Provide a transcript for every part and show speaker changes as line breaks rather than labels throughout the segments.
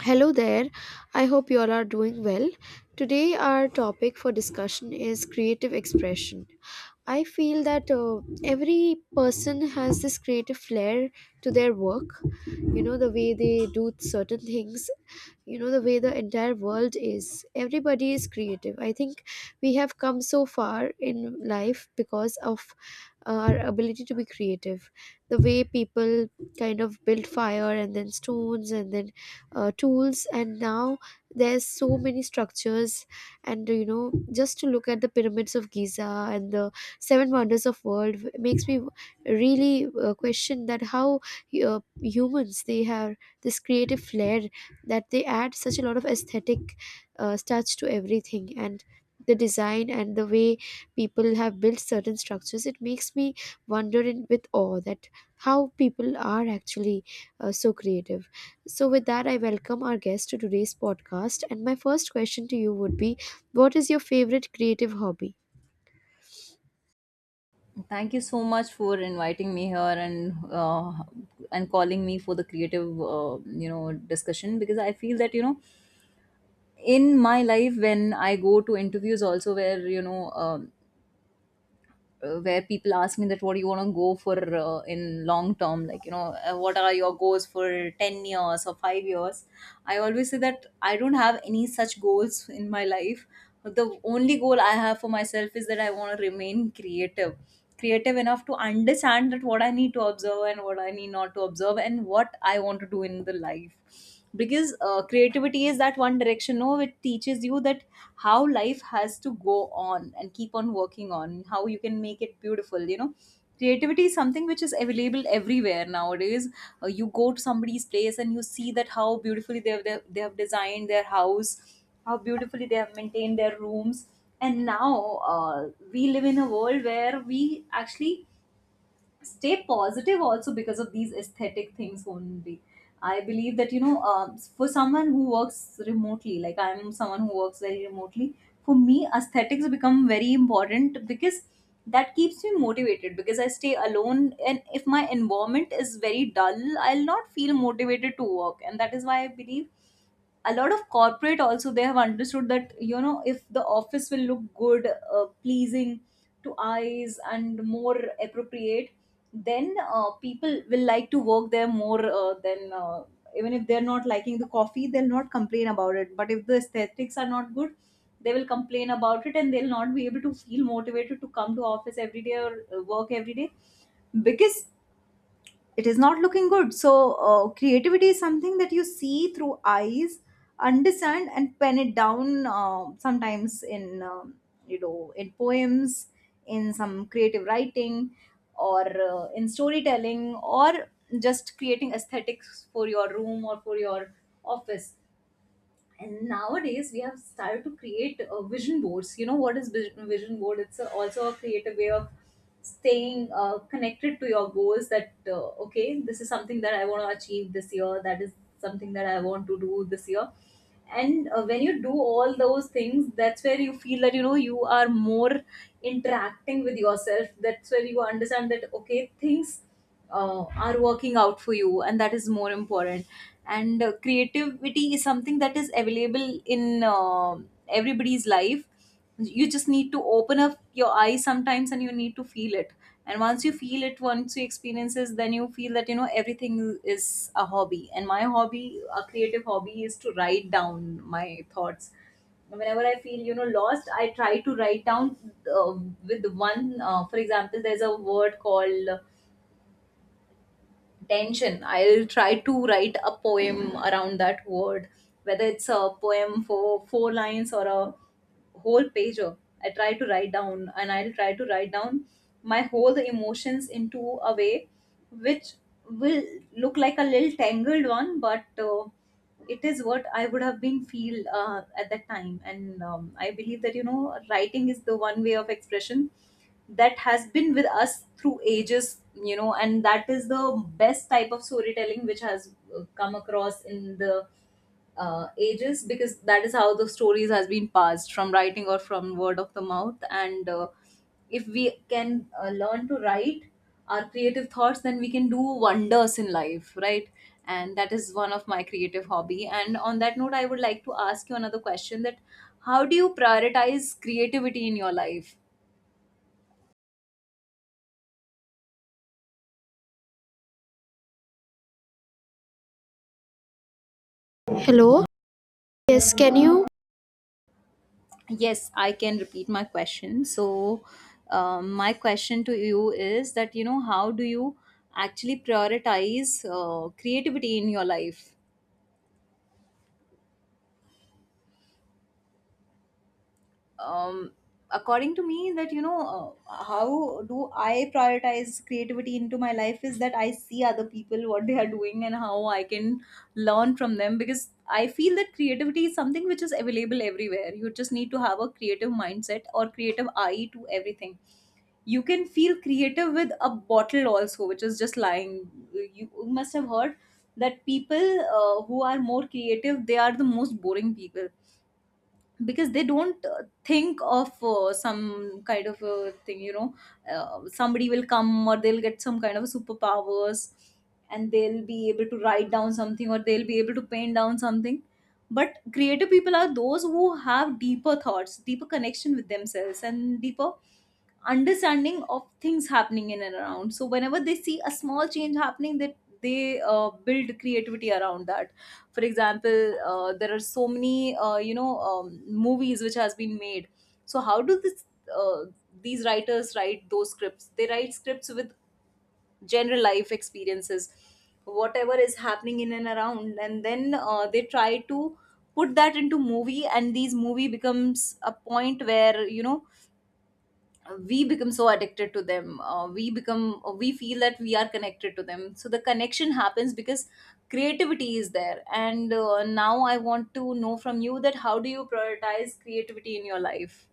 Hello there. I hope you all are doing well. Today, our topic for discussion is creative expression. I feel that every person has this creative flair to their work. You know, the way they do certain things, you know, the way the entire world is. Everybody is creative. I think we have come so far in life because of our ability to be creative. The way people kind of build fire and then stones and then tools, and now there's so many structures. And you know, just to look at the pyramids of Giza and the seven wonders of world makes me really question that how humans, they have this creative flair, that they add such a lot of aesthetic touch to everything, and the design and the way people have built certain structures, it makes me wonder in, with awe, that how people are actually so creative. So, with that, I welcome our guest to today's podcast. And my first question to you would be, what is your favorite creative hobby?
Thank you so much for inviting me here and uh, and calling me for the creative discussion, because I feel that in my life, when I go to interviews also, where where people ask me that what do you want to go for in long term, like what are your goals for 10 years or 5 years, I always say that I don't have any such goals in my life. The only goal I have for myself is that I want to remain creative, creative enough to understand that what I need to observe and what I need not to observe and what I want to do in the life, because creativity is that one direction, no, it teaches you that how life has to go on and keep on working on how you can make it beautiful. Creativity is something which is available everywhere nowadays. You go to somebody's place and you see that how beautifully they have designed their house, how beautifully they have maintained their rooms. And now we live in a world where we actually stay positive also because of these aesthetic things only. I believe that for someone who works remotely, like I'm someone who works very remotely, for me aesthetics become very important, because that keeps me motivated, because I stay alone, and if my environment is very dull I'll not feel motivated to work. And that is why I believe a lot of corporate also, they have understood that if the office will look good, pleasing to eyes and more appropriate, then people will like to work there more than even if they're not liking the coffee they'll not complain about it, but if the aesthetics are not good they will complain about it, and they'll not be able to feel motivated to come to office every day or work every day, because it is not looking good. So creativity is something that you see through eyes, understand, and pen it down, sometimes in in poems, in some creative writing, or in storytelling, or just creating aesthetics for your room or for your office. And nowadays we have started to create vision boards. You know what is vision board? It's also a creative way of staying connected to your goals, that okay, this is something that I want to achieve this year, that is something that I want to do this year. And when you do all those things, that's where you feel that you are more interacting with yourself, that's where you understand that okay, things are working out for you, and that is more important. And creativity is something that is available in everybody's life. You just need to open up your eyes sometimes and you need to feel it, and once you feel it, once you experience it, then you feel that everything is a hobby. And my hobby, a creative hobby, is to write down my thoughts. Whenever I feel lost, I try to write down uh, with one, for example, there's a word called tension, I'll try to write a poem around that word, whether it's a poem for four lines or a whole pager. I try to write down, and I'll try to write down my whole emotions into a way which will look like a little tangled one, but it is what I would have been feel at that time. And I believe that writing is the one way of expression that has been with us through ages, and that is the best type of storytelling which has come across in the ages, because that is how the stories has been passed from writing or from word of the mouth. And if we can learn to write our creative thoughts, then we can do wonders in life, right? And that is one of my creative hobby. And on that note, I would like to ask you another question, that how do you prioritize creativity in your life?
Hello? Yes, can you—
Yes, I can repeat my question. So, my question to you is that, you know, how do you actually prioritize creativity in your life? um, According to me, that how do I prioritize creativity into my life is that I see other people what they are doing and how I can learn from them, because I feel that creativity is something which is available everywhere. You just need to have a creative mindset or creative eye to everything. You can feel creative with a bottle also which is just lying. You must have heard that people who are more creative, they are the most boring people, because they don't think of some kind of thing, somebody will come or they'll get some kind of superpowers, and they'll be able to write down something, or they'll be able to paint down something. But creative people are those who have deeper thoughts, deeper connection with themselves, and deeper understanding of things happening in and around. So whenever they see a small change happening, that they build creativity around that. For example, there are so many movies which has been made. So how do this, uh, these writers write those scripts? They write scripts with general life experiences, whatever is happening in and around, and then they try to put that into movie, and these movie becomes a point where we become so addicted to them. We feel that we are connected to them. So the connection happens because creativity is there. And now I want to know from you that how do you prioritize creativity in your life?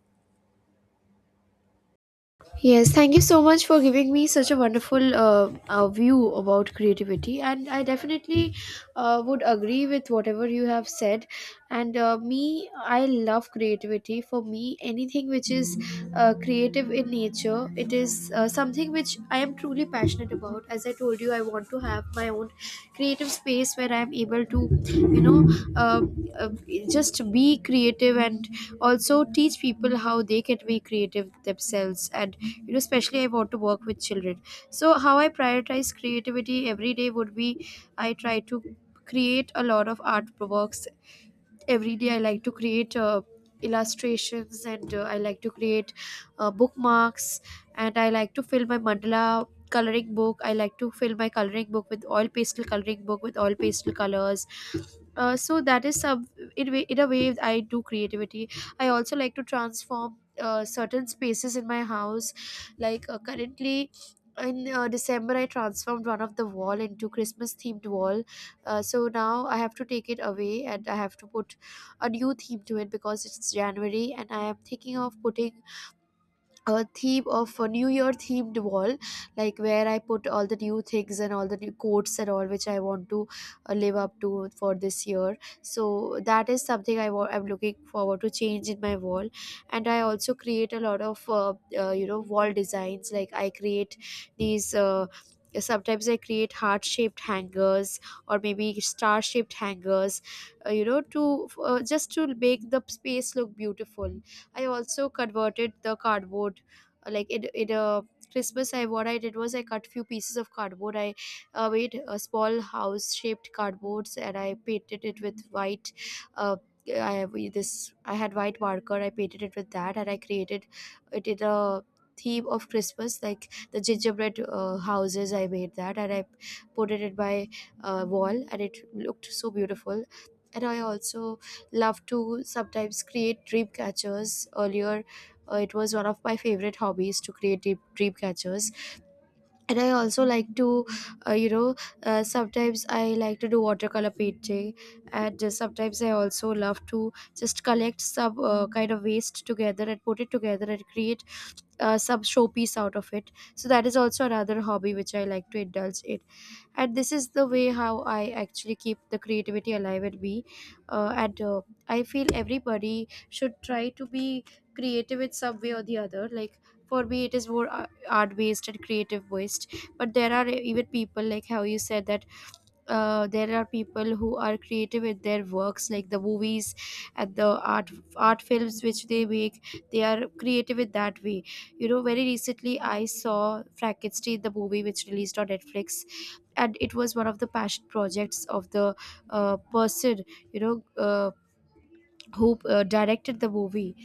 Yes, thank you so much for giving me such a wonderful view about creativity. And I definitely would agree with whatever you have said. And me, I love creativity. For me, anything which is creative in nature, it is something which I am truly passionate about. As I told you, I want to have my own creative space where I am able to, you know, uh, just be creative, and also teach people how they can be creative themselves. And you know, especially I want to work with children. So how I prioritize creativity every day would be, I try to create a lot of art works. Every day I like to create illustrations, and I like to create bookmarks, and I like to fill my mandala coloring book. I like to fill my coloring book with oil pastel, coloring book with oil pastel colors. So that is some in a way I do creativity. I also like to transform certain spaces in my house, like currently in December I transformed one of the wall into Christmas themed wall. So now I have to take it away and I have to put a new theme to it, because it's January and I am thinking of putting a theme of a new year themed wall, like where I put all the new things and all the new quotes and all which I want to live up to for this year. So that is something I I'm looking forward to change in my wall. And I also create a lot of you know, wall designs. Like I create these, sometimes I create heart shaped hangers or maybe star shaped hangers, you know, to just to make the space look beautiful. I also converted the cardboard, like it Christmas I, what I did was, I cut few pieces of cardboard. I made a small house shaped cardboards, and I painted it with white. uh, I have this, I had white marker, I painted it with that, and I created it in a theme of Christmas, like the gingerbread houses. I made that and I put it in my wall, and it looked so beautiful. And I also love to sometimes create dream catchers. Earlier, it was one of my favorite hobbies to create dream catchers. And I also like to you know, sometimes I like to do watercolor painting. And sometimes I also love to just collect some kind of waste together and put it together and create some showpiece out of it. So that is also another hobby which I like to indulge in. And this is the way how I actually keep the creativity alive in me. And I feel everybody should try to be creative in some way or the other. Like for me it is more art based and creative based, but there are even people, like how you said that there are people who are creative with their works, like the movies and the art art films which they make. They are creative in that way. You know, very recently I saw Frankenstein, the movie which released on Netflix, and it was one of the passion projects of the person, you know, who directed the movie.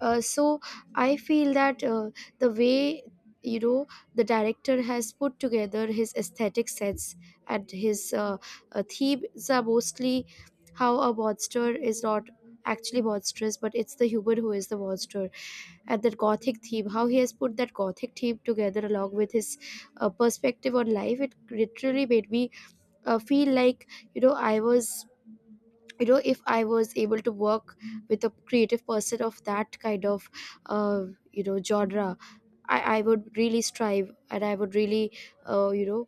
So I feel that the way, you know, the director has put together his aesthetic sets, and his themes are mostly how a monster is not actually monstrous, but it's the human who is the monster. And that gothic theme, how he has put that gothic theme together along with his perspective on life, it literally made me feel like, you know, I was, you know, if I was able to work with a creative person of that kind of uh, you know, genre, I would really strive, and I would really you know,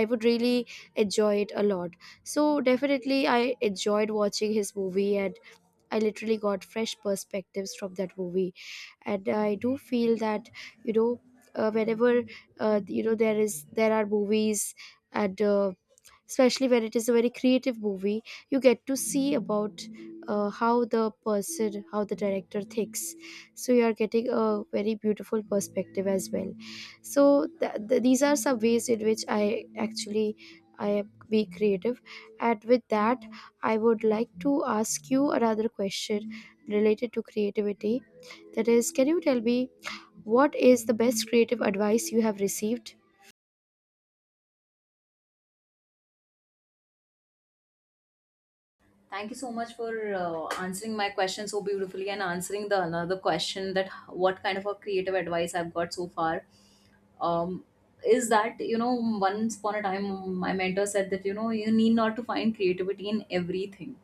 I would really enjoy it a lot. So definitely I enjoyed watching his movie, and I literally got fresh perspectives from that movie. And I do feel that, you know, whenever, you know, there is, there are movies, and especially when it is a very creative movie, you get to see about how the person, how the director thinks. So you are getting a very beautiful perspective as well. So these are some ways in which I actually I am be creative. And with that, I would like to ask you another question related to creativity, that is, can you tell me, what is the best creative advice you have received?
Thank you so much for answering my question so beautifully, and answering the another question, that what kind of a creative advice I've got so far. um, is that once upon a time my mentor said that you need not to find creativity in everything.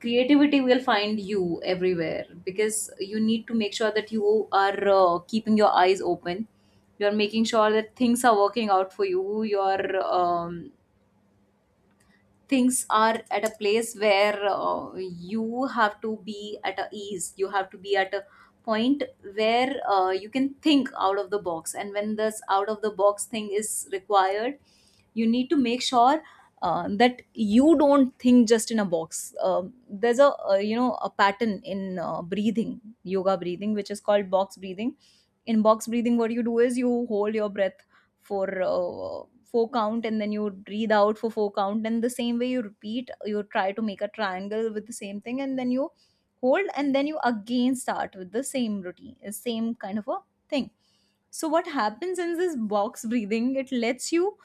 Creativity will find you everywhere, because you need to make sure that you are keeping your eyes open, you're making sure that things are working out for you, you're, things are at a place where you have to be at a ease, you have to be at a point where you can think out of the box. And when this out of the box thing is required, you need to make sure that you don't think just in a box. There's a a pattern in breathing, yoga breathing, which is called box breathing. In box breathing, what you do is you hold your breath for four count, and then you breathe out for four count, and the same way you repeat, you try to make a triangle with the same thing, and then you hold, and then you again start with the same routine, same kind of a thing. So what happens in this box breathing, it lets you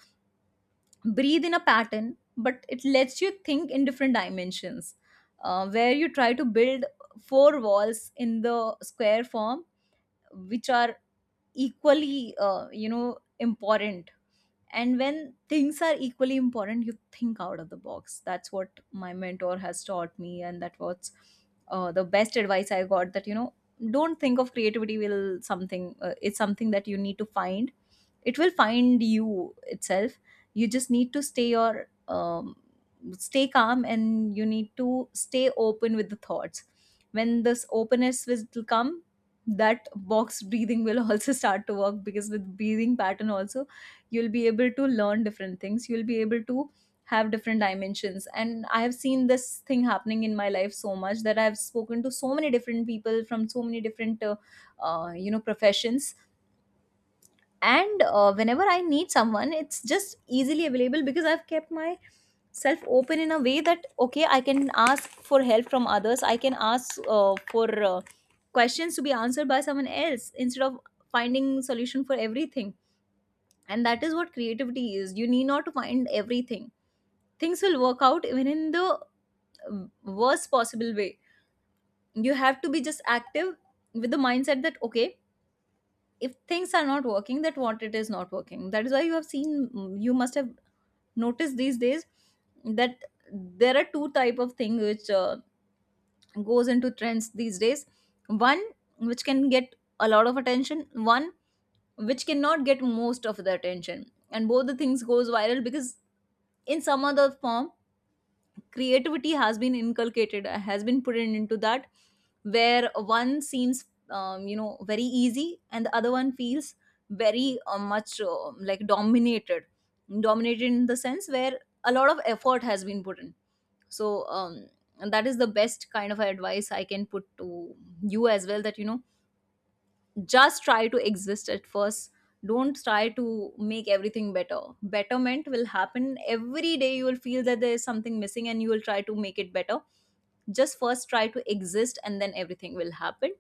breathe in a pattern, but it lets you think in different dimensions, where you try to build four walls in the square form, which are equally important. And when things are equally important, you think out of the box. That's what my mentor has taught me, and that was the best advice I got, that don't think of creativity will something, it's something that you need to find, it will find you itself. You just need to stay your, stay calm, and you need to stay open with the thoughts. When this openness will come, that box breathing will also start to work, because with breathing pattern also you'll be able to learn different things, you'll be able to have different dimensions. And I have seen this thing happening in my life so much, that I've spoken to so many different people from so many different professions. And whenever I need someone, it's just easily available, because I've kept my self open in a way that okay, I can ask for help from others, I can ask for questions to be answered by someone else, instead of finding solution for everything. And that is what creativity is. You need not to find everything, things will work out even in the uh, worst possible way. You have to be just active with the mindset that okay, if things are not working, that what it is not working, that is why you have seen You must have noticed these days that there are two type of thing which goes into trends these days. One which can get a lot of attention, one which cannot get most of the attention, and both the things goes viral because in some other form creativity has been inculcated has been put in into that, where one seems you know, very easy, and the other one feels very much like dominated. Dominated in the sense where a lot of effort has been put in. so um, and that is the best kind of advice I can put to you as well, that you know, just try to exist at first. Don't try to make everything better. Betterment will happen every day. You will feel that there is something missing and you will try to make it better. Just first try to exist and then everything will happen.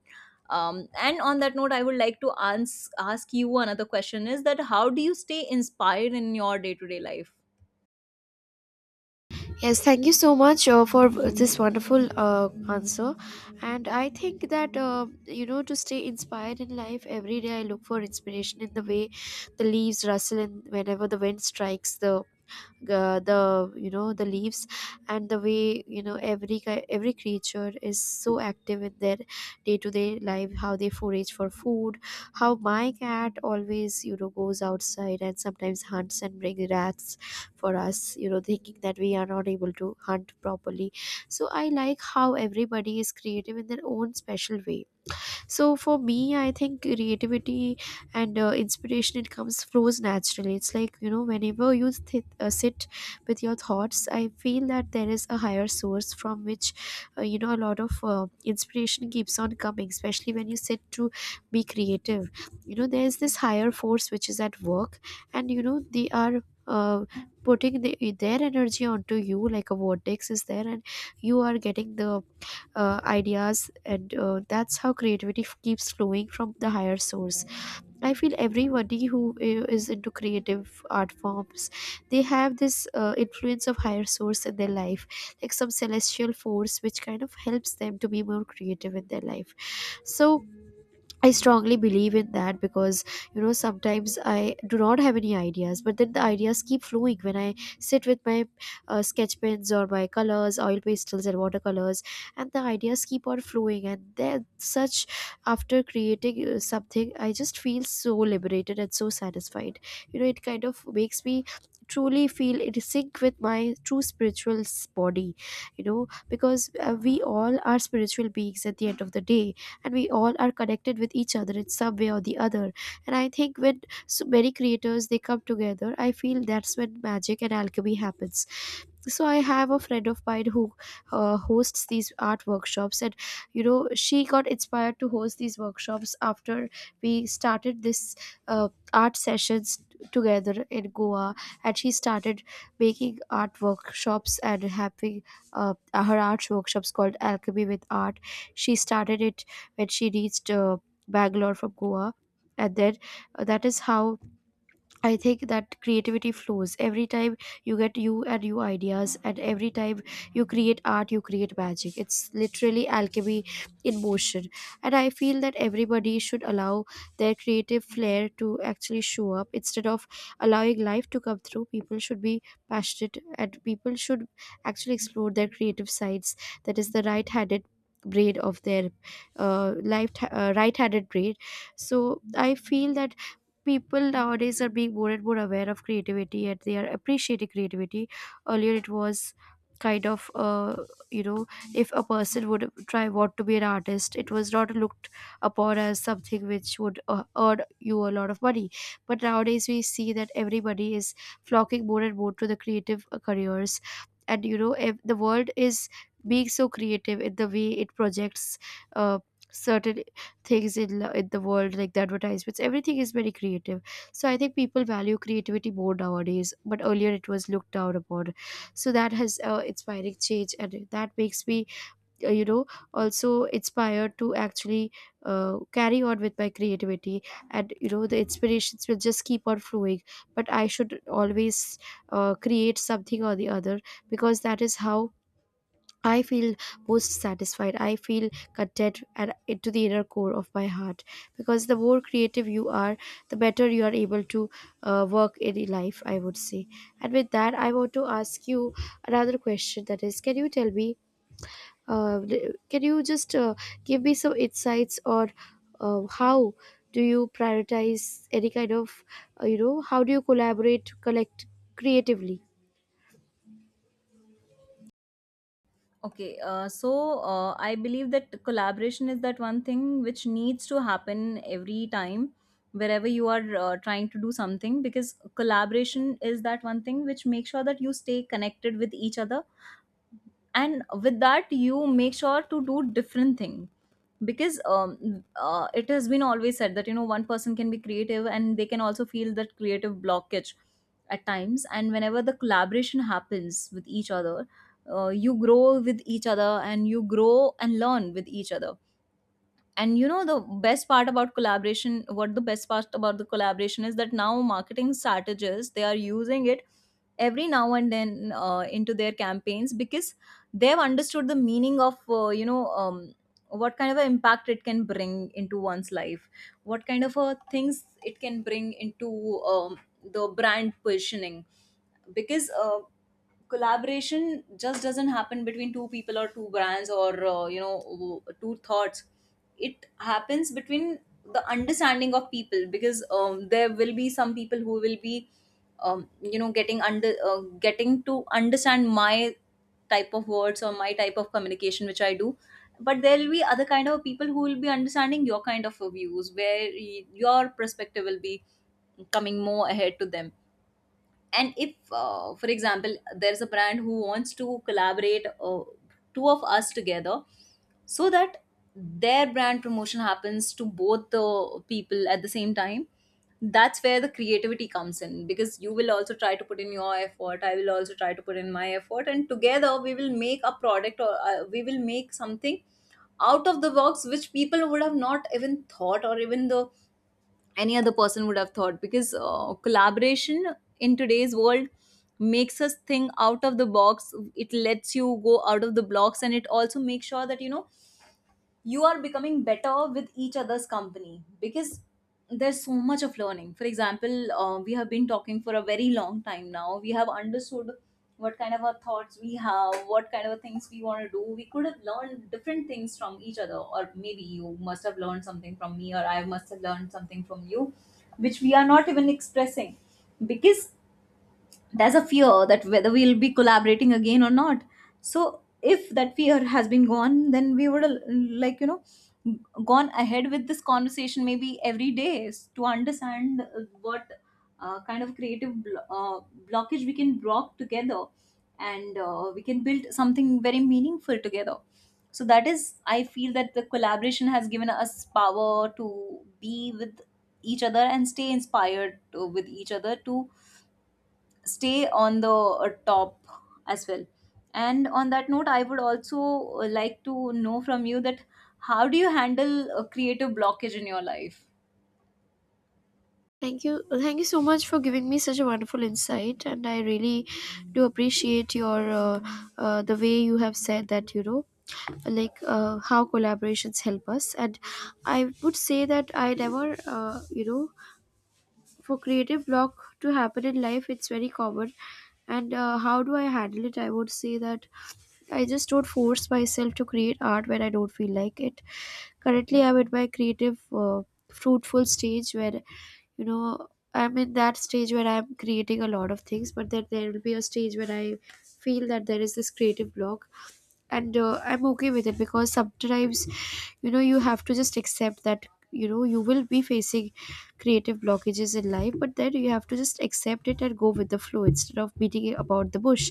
And on that note I would like to ask you another question, is that how do you stay inspired in your day-to-day life?
Yes, thank you so much for this wonderful answer. And I think that, you know, to stay inspired in life, every day I look for inspiration in the way the leaves rustle, and whenever the wind strikes the the leaves, and the way, you know, every every creature is so active in their day to day life, how they forage for food, how my cat always, you know, goes outside and sometimes hunts and brings rats for us, you know, thinking that we are not able to hunt properly. So I like how everybody is creative in their own special way. So for me, I think creativity and inspiration, it comes, flows naturally. It's like, you know, whenever you sit with your thoughts, I feel that there is a higher source from which, you know, a lot of inspiration keeps on coming, especially when you sit to be creative. You know, there is this higher force which is at work, and you know, they are uh, putting the, their energy onto you, like a vortex is there, and you are getting the ideas. And that's how creativity keeps flowing from the higher source. I feel everybody who is into creative art forms, they have this influence of higher source in their life, like some celestial force which kind of helps them to be more creative in their life. So I strongly believe in that, because you know, sometimes I do not have any ideas, but then the ideas keep flowing when I sit with my sketch pens or my colors, oil pastels, and watercolors, and the ideas keep on flowing. And they're such, after creating something, I just feel so liberated and so satisfied. You know, it kind of makes me truly feel in sync with my true spiritual body, you know, because we all are spiritual beings at the end of the day, and we all are connected with each other in some way or the other. And I think when so many creators, they come together, I feel that's when magic and alchemy happens. So I have a friend of mine who hosts these art workshops, and you know, she got inspired to host these workshops after we started this uh, art sessions together in Goa. And she started making art workshops and having uh, her art workshops called alchemy with art. She started it when she reached Bangalore from Goa, and then that is how I think that creativity flows every time you get you and new ideas, and every time you create art, you create magic. It's literally alchemy in motion. And I feel that everybody should allow their creative flair to actually show up instead of allowing life to come through. People should be passionate, and people should actually explore their creative sides. That is the right handed brain of their life, right handed brain. So I feel that people nowadays are being more and more aware of creativity and they are appreciating creativity. Earlier it was kind of you know if a person would try want to be an artist, it was not looked upon as something which would earn you a lot of money. But nowadays we see that everybody is flocking more and more to the creative careers. And you know, if the world is being so creative in the way it projects uh, certain things in the world, like the advertisements, everything is very creative. So I think people value creativity more nowadays, but earlier it was looked down upon. So that has inspiring change, and that makes me uh, you know also inspired to actually carry on with my creativity. And you know, the inspirations will just keep on flowing, but I should always create something or the other, because that is how I feel most satisfied. I feel content at, to the inner core of my heart, because the more creative you are, the better you are able to work in life, I would say. And with that, I want to ask you another question, that is, can you tell me, uh, can you just give me some insights or how do you prioritize any kind of, how do you collaborate, collect creatively?
Okay, so I believe that collaboration is that one thing which needs to happen every time, wherever you are trying to do something, because collaboration is that one thing which makes sure that you stay connected with each other, and with that you make sure to do different thing. Because it has been always said that you know, one person can be creative and they can also feel that creative blockage at times, and whenever the collaboration happens with each other, you grow with each other and you grow and learn with each other. And you know, the best part about collaboration, what the best part about the collaboration is, that now marketing strategists, they are using it every now and then into their campaigns, because they've understood the meaning of you know, what kind of an impact it can bring into one's life, what kind of things it can bring into the brand positioning. Because collaboration just doesn't happen between two people or two brands or you know, two thoughts. It happens between the understanding of people. Because there will be some people who will be you know, getting to understand my type of words or my type of communication which I do, but there will be other kind of people who will be understanding your kind of views, where your perspective will be coming more ahead to them. And if for example, there's a brand who wants to collaborate two of us together, so that their brand promotion happens to both the people at the same time. That's where the creativity comes in, because you will also try to put in your effort, I will also try to put in my effort, and together we will make a product, or we will make something out of the box which people would have not even thought, or even the any other person would have thought. Because collaboration in today's world makes us think out of the box. It lets you go out of the blocks, and it also makes sure that you know, you are becoming better with each other's company. Because there's so much of learning. For example, we have been talking for a very long time now, we have understood what kind of our thoughts we have, what kind of things we want to do. We could have learned different things from each other, or maybe you must have learned something from me, or I must have learned something from you, which we are not even expressing, because there's a fear that whether we'll be collaborating again or not. So if that fear has been gone, then we would like you know, gone ahead with this conversation maybe every day to understand what kind of blockage we can block together, and we can build something very meaningful together. So that is, I feel that the collaboration has given us power to be with each other and stay inspired with each other to stay on the top as well. And on that note, I would also like to know from you that how do you handle a creative blockage in your life?
Thank you. Well, thank you so much for giving me such a wonderful insight, and I really do appreciate your the way you have said that. You know, like how collaborations help us. And I would say that I never, for creative block to happen in life, it's very common. And how do I handle it? I would say that I just don't force myself to create art when I don't feel like it. Currently, I'm at my creative, fruitful stage where, you know, I'm in that stage where I'm creating a lot of things, but then there will be a stage where I feel that there is this creative block. And I'm okay with it, because sometimes, you know, you have to just accept that you know you will be facing creative blockages in life. But then you have to just accept it and go with the flow, instead of beating it about the bush,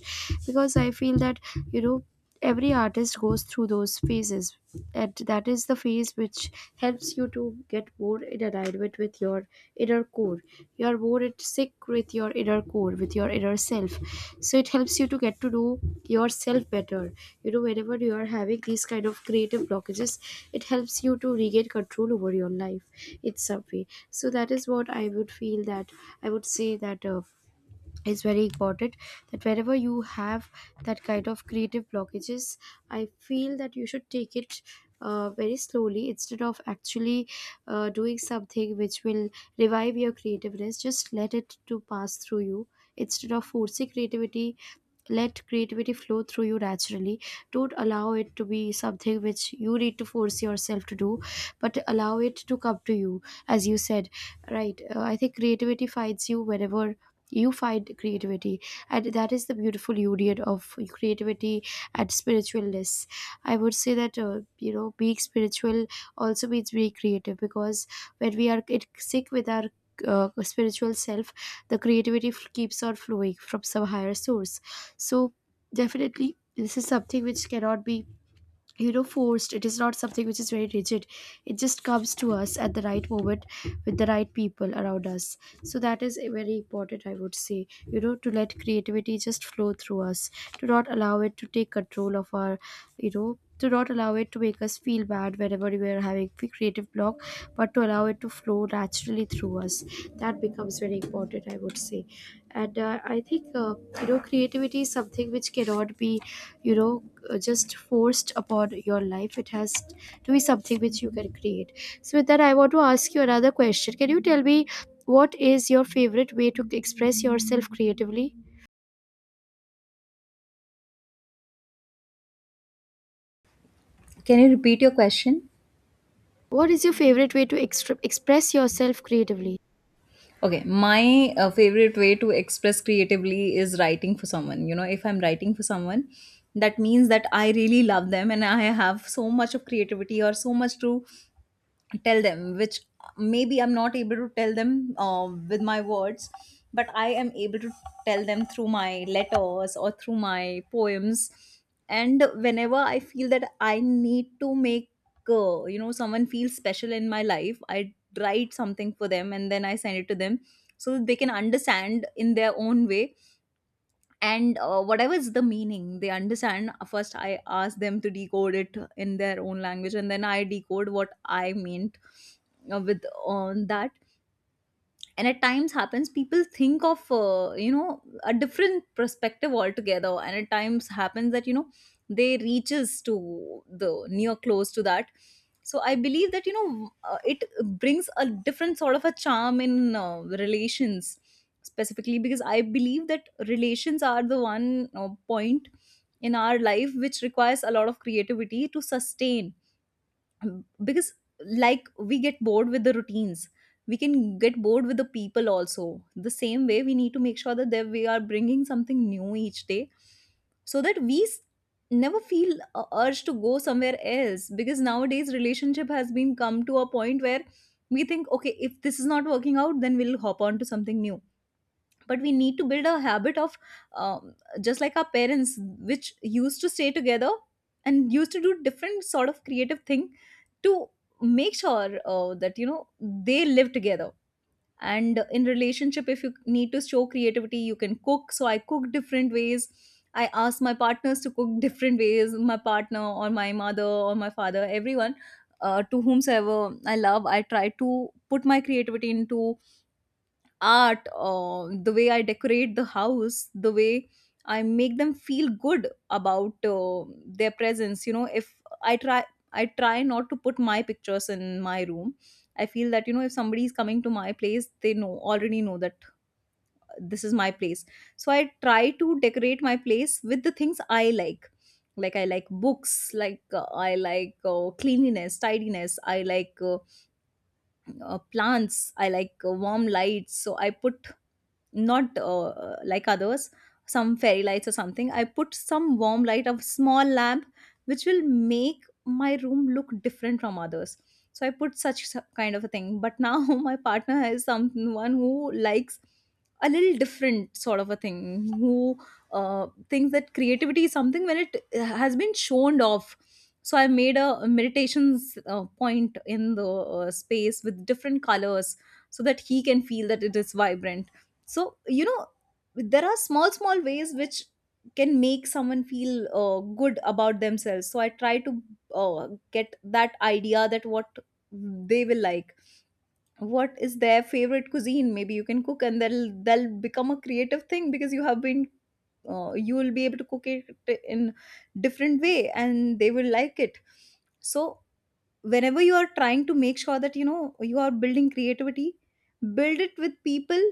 because I feel that, you know, every artist goes through those phases. And that is the phase which helps you to get more in alignment with your inner core. You are more at sick with your inner core, with your inner self. So it helps you to get to know yourself better. You know, whenever you are having these kind of creative blockages, it helps you to regain control over your life in some way. So that is what I would feel. That I would say that, is very important. That wherever you have that kind of creative blockages, I feel that you should take it very slowly, instead of actually doing something which will revive your creativeness. Just let it to pass through you, instead of forcing creativity. Let creativity flow through you naturally. Don't allow it to be something which you need to force yourself to do, but allow it to come to you. As you said, right, I think creativity finds you whenever you find creativity. And that is the beautiful union of creativity and spiritualness. I would say that, being spiritual also means being creative, because when we are in sync with our spiritual self, the keeps on flowing from some higher source. So definitely this is something which cannot be, you know, forced. It is not something which is very rigid. It just comes to us at the right moment, with the right people around us. So that is very important, I would say, you know, to let creativity just flow through us. To not allow it to take control of our, you know, to not allow it to make us feel bad whenever we are having creative block, but to allow it to flow naturally through us. That becomes very important, I would say. And I think you know creativity is something which cannot be, you know, just forced upon your life. It has to be something which you can create. So with that, I want to ask you another question. Can you tell me, what is your favorite way to express yourself creatively?
Can you repeat your question?
What is your favorite way to express yourself creatively?
Okay, my favorite way to express creatively is writing for someone. You know, if I'm writing for someone, that means that I really love them and I have so much of creativity or so much to tell them, which maybe I'm not able to tell them with my words, but I am able to tell them through my letters or through my poems. And whenever I feel that I need to make you know, someone feel special in my life, I write something for them and then I send it to them, so that they can understand in their own way. And whatever is the meaning they understand, first I ask them to decode it in their own language, and then I decode what I meant with on that. And at times happens people think of you know, a different perspective altogether, and at times happens that you know, they reaches to the near close to that. So I believe that you know, it brings a different sort of a charm in relations, specifically, because I believe that relations are the one point in our life which requires a lot of creativity to sustain. Because like, we get bored with the routines, we can get bored with the people also. The same way, we need to make sure that we are bringing something new each day, so that we never feel a urge to go somewhere else. Because nowadays relationship has been come to a point where we think, okay, if this is not working out then we'll hop on to something new. But we need to build a habit of um, just like our parents, which used to stay together and used to do different sort of creative thing to make sure that you know, they live together. And in relationship, if you need to show creativity, you can cook. So I cook different ways, I ask my partners to cook different ways. My partner or my mother or my father, everyone to whomsoever I love, I try to put my creativity into art, or the way I decorate the house, the way I make them feel good about their presence. You know, if i try I try not to put my pictures in my room. I feel that you know, if somebody is coming to my place, they know already know that this is my place. So I try to decorate my place with the things I like. Like I like books, like I like cleanliness, tidiness, I like plants, I like warm lights. So I put not like others some fairy lights or something, I put some warm light of small lamp which will make my room look different from others. So I put such kind of a thing. But now my partner has someone who likes a little different sort of a thing, who thinks that creativity is something when it has been shown off. So I made a meditations point in the space with different colors, so that he can feel that it is vibrant. So you know, there are small small ways which can make someone feel good about themselves. So I try to get that idea that what they will like, what is their favorite cuisine. Maybe you can cook and they'll become a creative thing, because you have been you will be able to cook it in different way and they will like it. So whenever you are trying to make sure that you know, you are building creativity, build it with people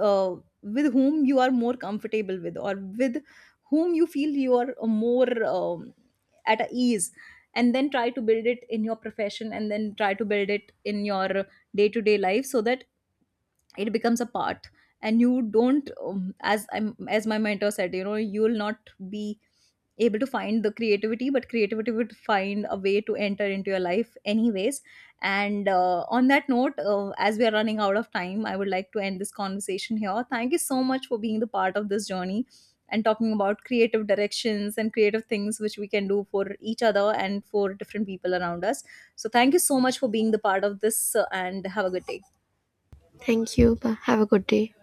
uh, with whom you are more comfortable with, or with whom you feel you are more at a ease. And then try to build it in your profession, and then try to build it in your day to day life, so that it becomes a part. And you don't as I'm as my mentor said, you know, you will not be able to find the creativity, but creativity would find a way to enter into your life anyways. And on that note, as we are running out of time, I would like to end this conversation here. Thank you so much for being the part of this journey, and talking about creative directions and creative things which we can do for each other and for different people around us. So thank you so much for being the part of this, and have a good day.
Thank you. Bye. Have a good day.